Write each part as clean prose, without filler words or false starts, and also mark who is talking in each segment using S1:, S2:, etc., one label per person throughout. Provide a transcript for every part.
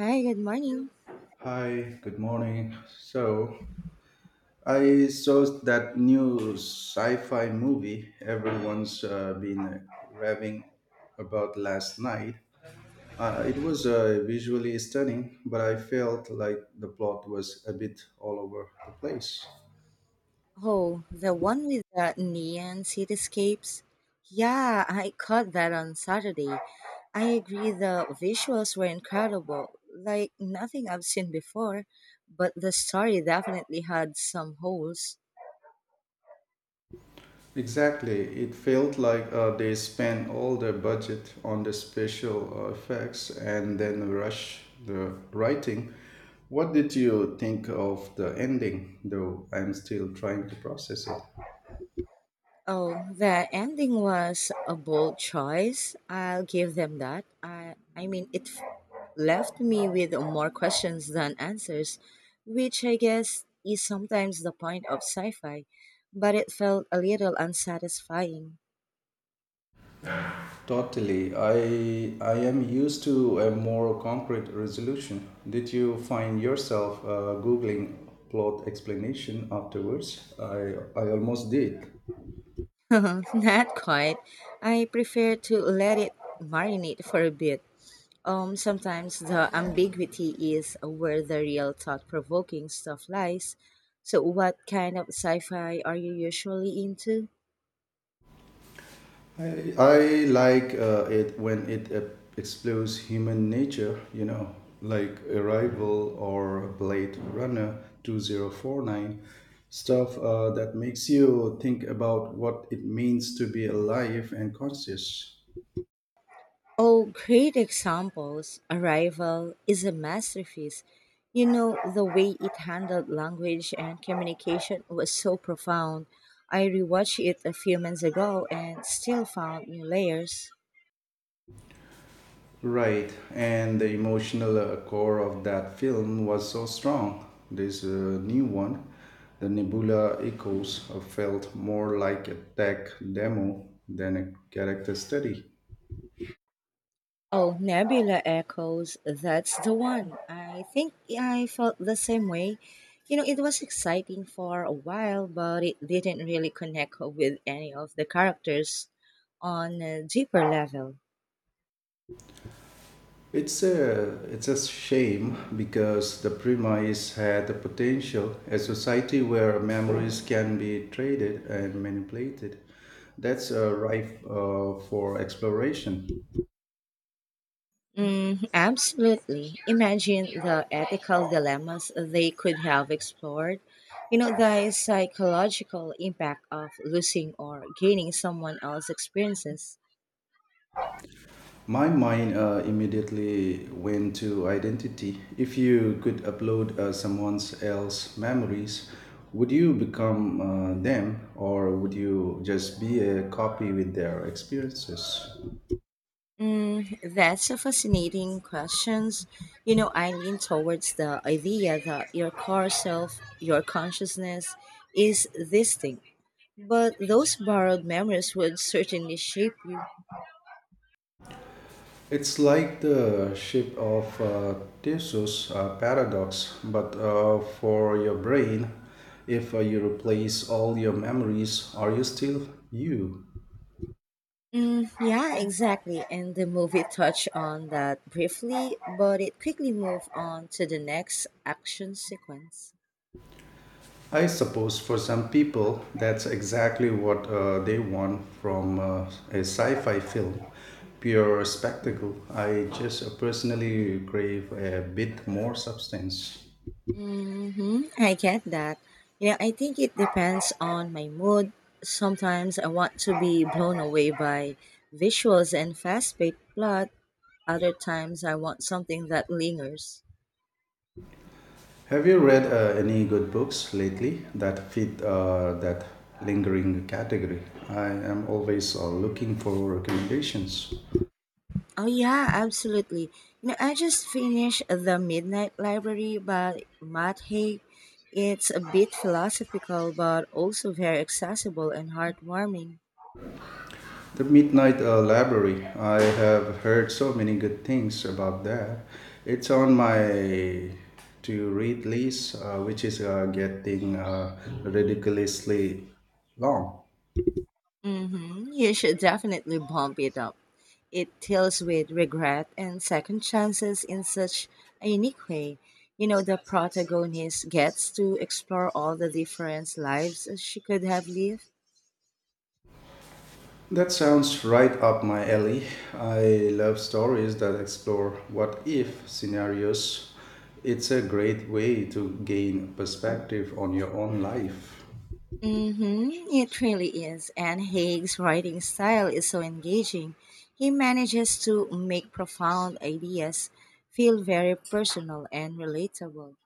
S1: Hi, good morning.
S2: Hi, good morning. So, I saw that new sci fi movie everyone's been raving about last night. It was visually stunning, but I felt like the plot was a bit all over the place.
S1: Oh, the one with the neon cityscapes? Yeah, I caught that on Saturday. I agree the visuals were incredible, like nothing I've seen before, but the story definitely had some holes.
S2: Exactly. It felt like they spent all their budget on the special effects and then rush the writing. What did you think of the ending, though I'm still trying to process it?
S1: Oh, the ending was a bold choice. I'll give them that. I mean left me with more questions than answers, which I guess is sometimes the point of sci-fi, but it felt a little unsatisfying.
S2: Totally. I am used to a more concrete resolution. Did you find yourself googling plot explanation afterwards? I almost did.
S1: Not quite. I prefer to let it marinate for a bit. Sometimes the ambiguity is where the real thought-provoking stuff lies. So, what kind of sci-fi are you usually into?
S2: I like it when it explores human nature, you know, like Arrival or Blade Runner 2049, stuff that makes you think about what it means to be alive and conscious.
S1: Oh, great examples. Arrival is a masterpiece. You know, the way it handled language and communication was so profound. I rewatched it a few months ago and still found new layers.
S2: Right, and the emotional core of that film was so strong. This new one, the Nebula Echoes, felt more like a tech demo than a character study.
S1: Oh, Nebula Echoes, that's the one. I think yeah, I felt the same way. You know, it was exciting for a while, but it didn't really connect with any of the characters on a deeper level.
S2: It's a shame because the premise had the potential a society where memories can be traded and manipulated. That's ripe for exploration.
S1: Mm, absolutely. Imagine the ethical dilemmas they could have explored. You know, the psychological impact of losing or gaining someone else's experiences.
S2: My mind immediately went to identity. If you could upload someone else's memories, would you become them or would you just be a copy with their experiences?
S1: Mm, that's a fascinating question. You know, I lean towards the idea that your core self, your consciousness, is this thing. But those borrowed memories would certainly shape you.
S2: It's like the shape of Theseus paradox, but for your brain. If you replace all your memories, are you still you?
S1: Mm, yeah, exactly. And the movie touched on that briefly, but it quickly moved on to the next action sequence.
S2: I suppose for some people, that's exactly what they want from a sci fi film pure spectacle. I just personally crave a bit more substance.
S1: Mm-hmm. I get that. You know, I think it depends on my mood. Sometimes I want to be blown away by visuals and fast paced plot. Other times I want something that lingers.
S2: Have you read any good books lately that fit that lingering category? I am always looking for recommendations.
S1: Oh yeah, absolutely. You know, I just finished The Midnight Library by Matt Haig. It's a bit philosophical but also very accessible and heartwarming.
S2: The Midnight Library, I have heard so many good things about that. It's on my to read list, which is getting ridiculously long.
S1: Hmm. You should definitely bump it up. It deals with regret and second chances in such a unique way. You know, the protagonist gets to explore all the different lives she could have lived.
S2: That sounds right up my alley. I love stories that explore what if scenarios. It's a great way to gain perspective on your own life.
S1: Mm-hmm. It really is. And Haig's writing style is so engaging. He manages to make profound ideas feel very personal and relatable.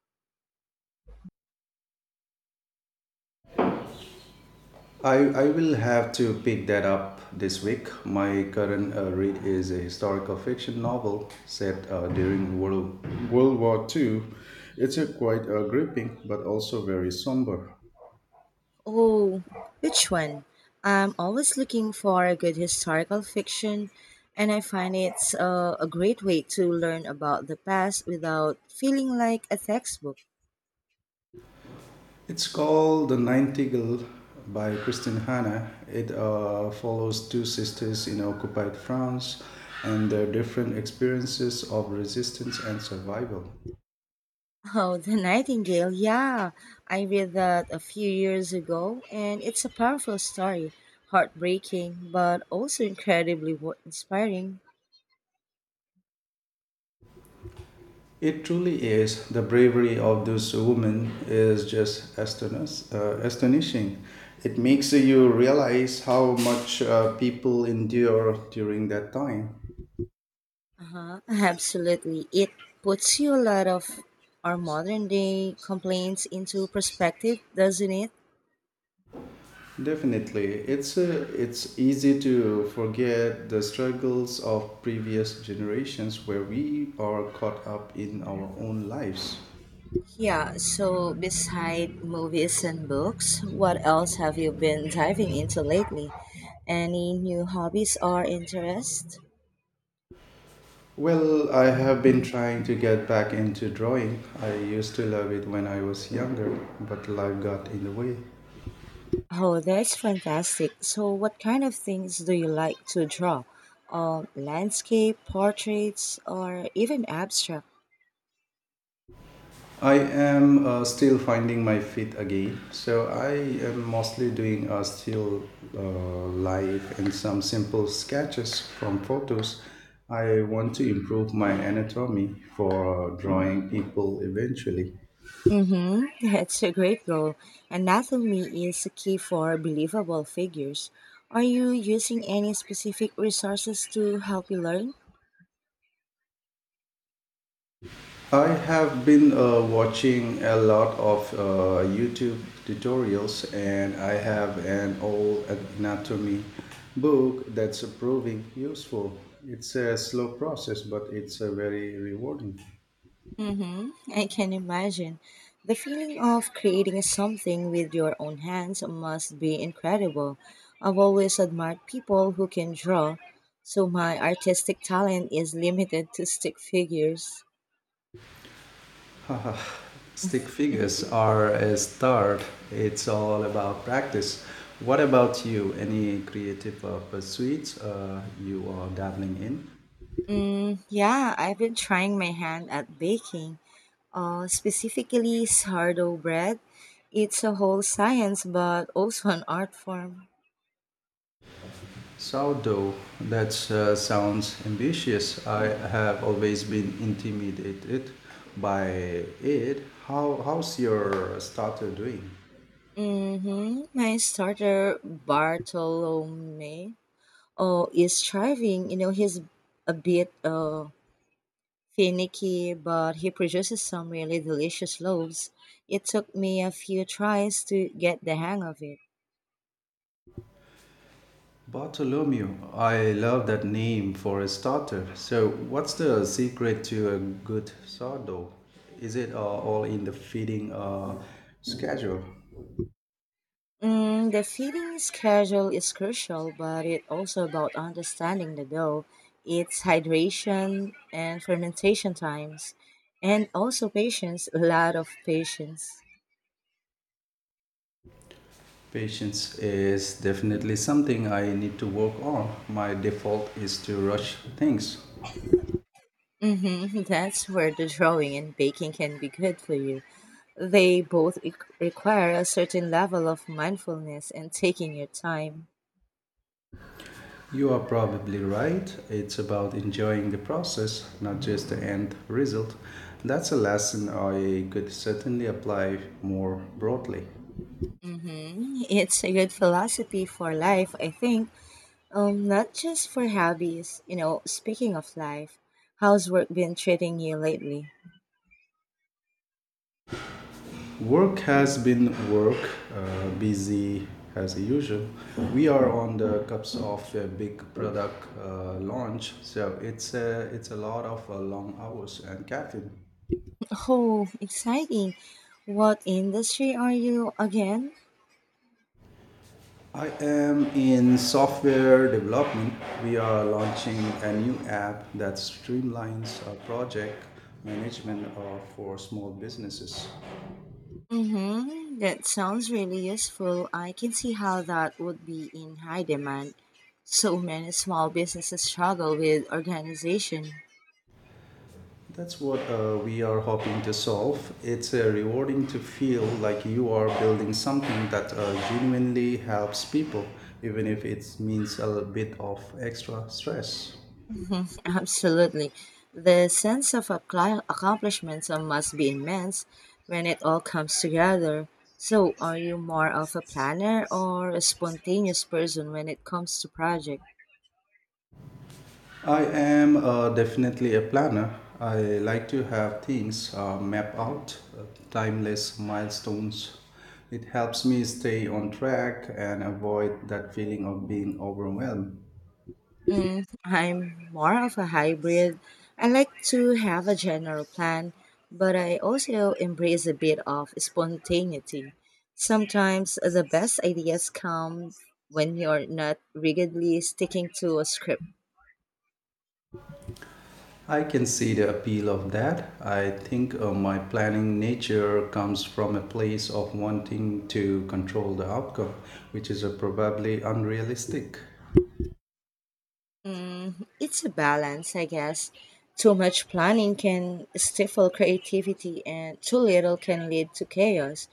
S2: I will have to pick that up this week. My current read is a historical fiction novel set during World War II. It's a
S1: Mhm.
S2: quite gripping but also very somber.
S1: Oh, which one? I'm always looking for a good historical fiction, and I find it's a great way to learn about the past without feeling like a textbook.
S2: It's called The Nightingale by Christine Hanna. It follows two sisters in occupied France and their different experiences of resistance and survival.
S1: Oh, The Nightingale, yeah. I read that a few years ago, and it's a powerful story. Heartbreaking, but also incredibly inspiring.
S2: It truly is. The bravery of those women is just astonishing. It
S1: Hmm.
S2: makes you realize how much people endure during that time.
S1: Uh-huh. Absolutely. It puts you a lot of our modern day complaints into perspective, doesn't it?
S2: Definitely, it's easy to forget the struggles of previous generations where we are caught up in our own lives.
S1: Yeah, so beside movies and books, what else have you been diving into lately? Any new hobbies or interests?
S2: Well, I have been trying to get back into drawing. I used to love it when I was younger, but life got in the way.
S1: Oh, that's fantastic. So, what kind of things do you like to draw? Landscape, portraits, or even abstract?
S2: I am still finding my feet again. So I am mostly doing still uh, life and some simple sketches from photos. I want to improve my anatomy for drawing people eventually.
S1: Mm-hmm. That's a great goal. Anatomy is key for believable figures. Are you using any specific resources to help you learn?
S2: I have been watching a lot of YouTube tutorials and I have an old anatomy book that's proving useful. It's a slow process, but it's a very rewarding.
S1: Mm-hmm. I can imagine. The feeling of creating something with your own hands must be incredible. I've always admired people who can draw, so my artistic talent is limited to stick figures.
S2: Stick figures are a start. It's all about practice. What about you? Any creative pursuits you are dabbling in?
S1: Mm, yeah, I've been trying my hand at baking, specifically sourdough bread. It's a whole science, but also an art form.
S2: Sourdough. That sounds ambitious. I have always been intimidated by it. How's your starter doing?
S1: Mm-hmm. My starter, Bartolome. Oh, is thriving. You know, he's a bit finicky, but he produces some really delicious loaves. It took me a few tries to get the hang of it.
S2: Bartolomeo, I love that name for a starter. So, what's the secret to a good sourdough? Is it all in the feeding schedule?
S1: Mm, the feeding schedule is crucial, but it's also about understanding the dough, its hydration and fermentation times, and also patience, a lot of patience.
S2: Patience is definitely something I need to work on. My default is to rush things.
S1: Hmm. That's where the drawing and baking can be good for you. They both e- require a certain level of mindfulness and taking your time.
S2: You are probably right. It's about enjoying the process, not just the end result. That's a lesson I could certainly apply more broadly.
S1: Hmm. It's a good philosophy for life, I think. Not just for hobbies. You know, speaking of life, how's work been treating you lately?
S2: Work has been work, busy as usual. We are on the cusp of a big product launch, so it's a lot of long hours and caffeine.
S1: Oh, exciting. What industry are you again?
S2: I am in software development. We are launching a new app that streamlines project management for small businesses.
S1: Mm-hmm. That sounds really useful. I can see how that would be in high demand. So many small businesses struggle with organization.
S2: That's what we are hoping to solve. It's rewarding to feel like you are building something that genuinely helps people, even if it means a bit of extra stress.
S1: Absolutely. The sense of accomplishment must be immense when it all comes together. So, are you more of a planner or a spontaneous person when it comes to project?
S2: I am definitely a planner. I like to have things mapped out, timeless milestones. It helps me stay on track and avoid that feeling of being overwhelmed.
S1: Mm, I'm more of a hybrid. I like to have a general plan, but I also embrace a bit of spontaneity. Sometimes the best ideas come when you're not rigidly sticking to a script.
S2: I can see the appeal of that. I think my planning nature comes from a place of wanting to control the outcome, which is probably unrealistic.
S1: Mm, it's a balance, I guess. Too much planning can stifle creativity, and too little can lead to chaos.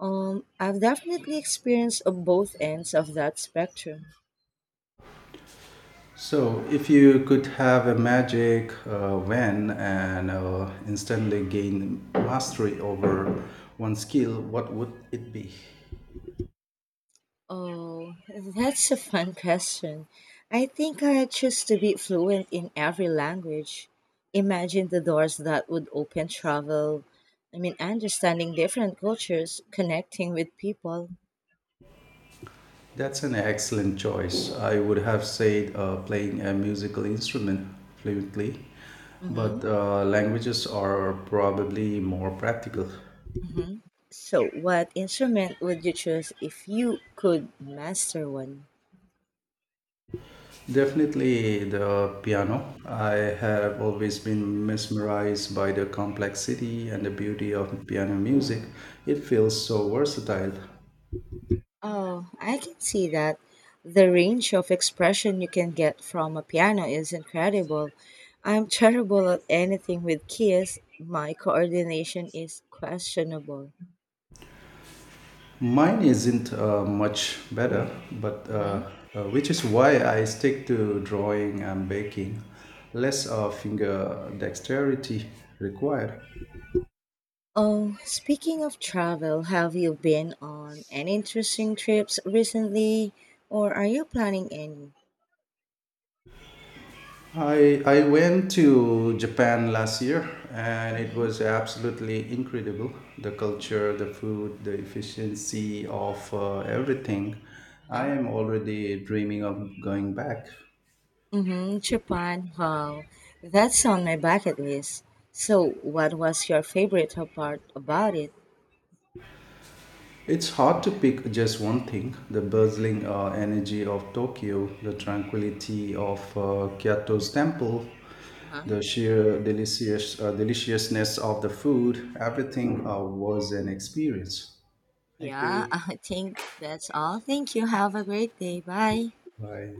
S1: I've definitely experienced of both ends of that spectrum.
S2: So, if you could have a magic when and instantly gain mastery over one skill, what would it be?
S1: Oh, that's a fun question. I think I choose to be fluent in every language. Imagine the doors that would open travel. I mean, understanding different cultures, connecting with people.
S2: That's an excellent choice. I would have said playing a musical instrument fluently, but
S1: Mhm.
S2: languages are probably more practical.
S1: Hmm. So, what instrument would you choose if you could master one?
S2: Definitely the piano. I have always been mesmerized by the complexity and the beauty of piano music. It feels so versatile.
S1: Oh, I can see that. The range of expression you can get from a piano is incredible. I'm terrible at anything with keys. My coordination is questionable.
S2: Mine isn't much better, but
S1: Hmm.
S2: which is why I stick to drawing and baking. Less finger dexterity required.
S1: Oh, speaking of travel, have you been on any interesting trips recently or are you planning any?
S2: I went to Japan last year and it
S1: Hmm.
S2: was absolutely incredible. The culture, the food, the efficiency of everything. I am already dreaming of going back.
S1: Mm-hmm, Japan. Wow, that's on my bucket list. So, what was your favorite part about it?
S2: It's hard to pick just one thing the bustling energy of Tokyo, the tranquility of Kyoto's temple,
S1: Uh-huh.
S2: the sheer deliciousness of the food. Everything was an experience. Thank
S1: Yeah,
S2: you.
S1: I think that's all. Thank you. Have a great day. Bye.
S2: Bye.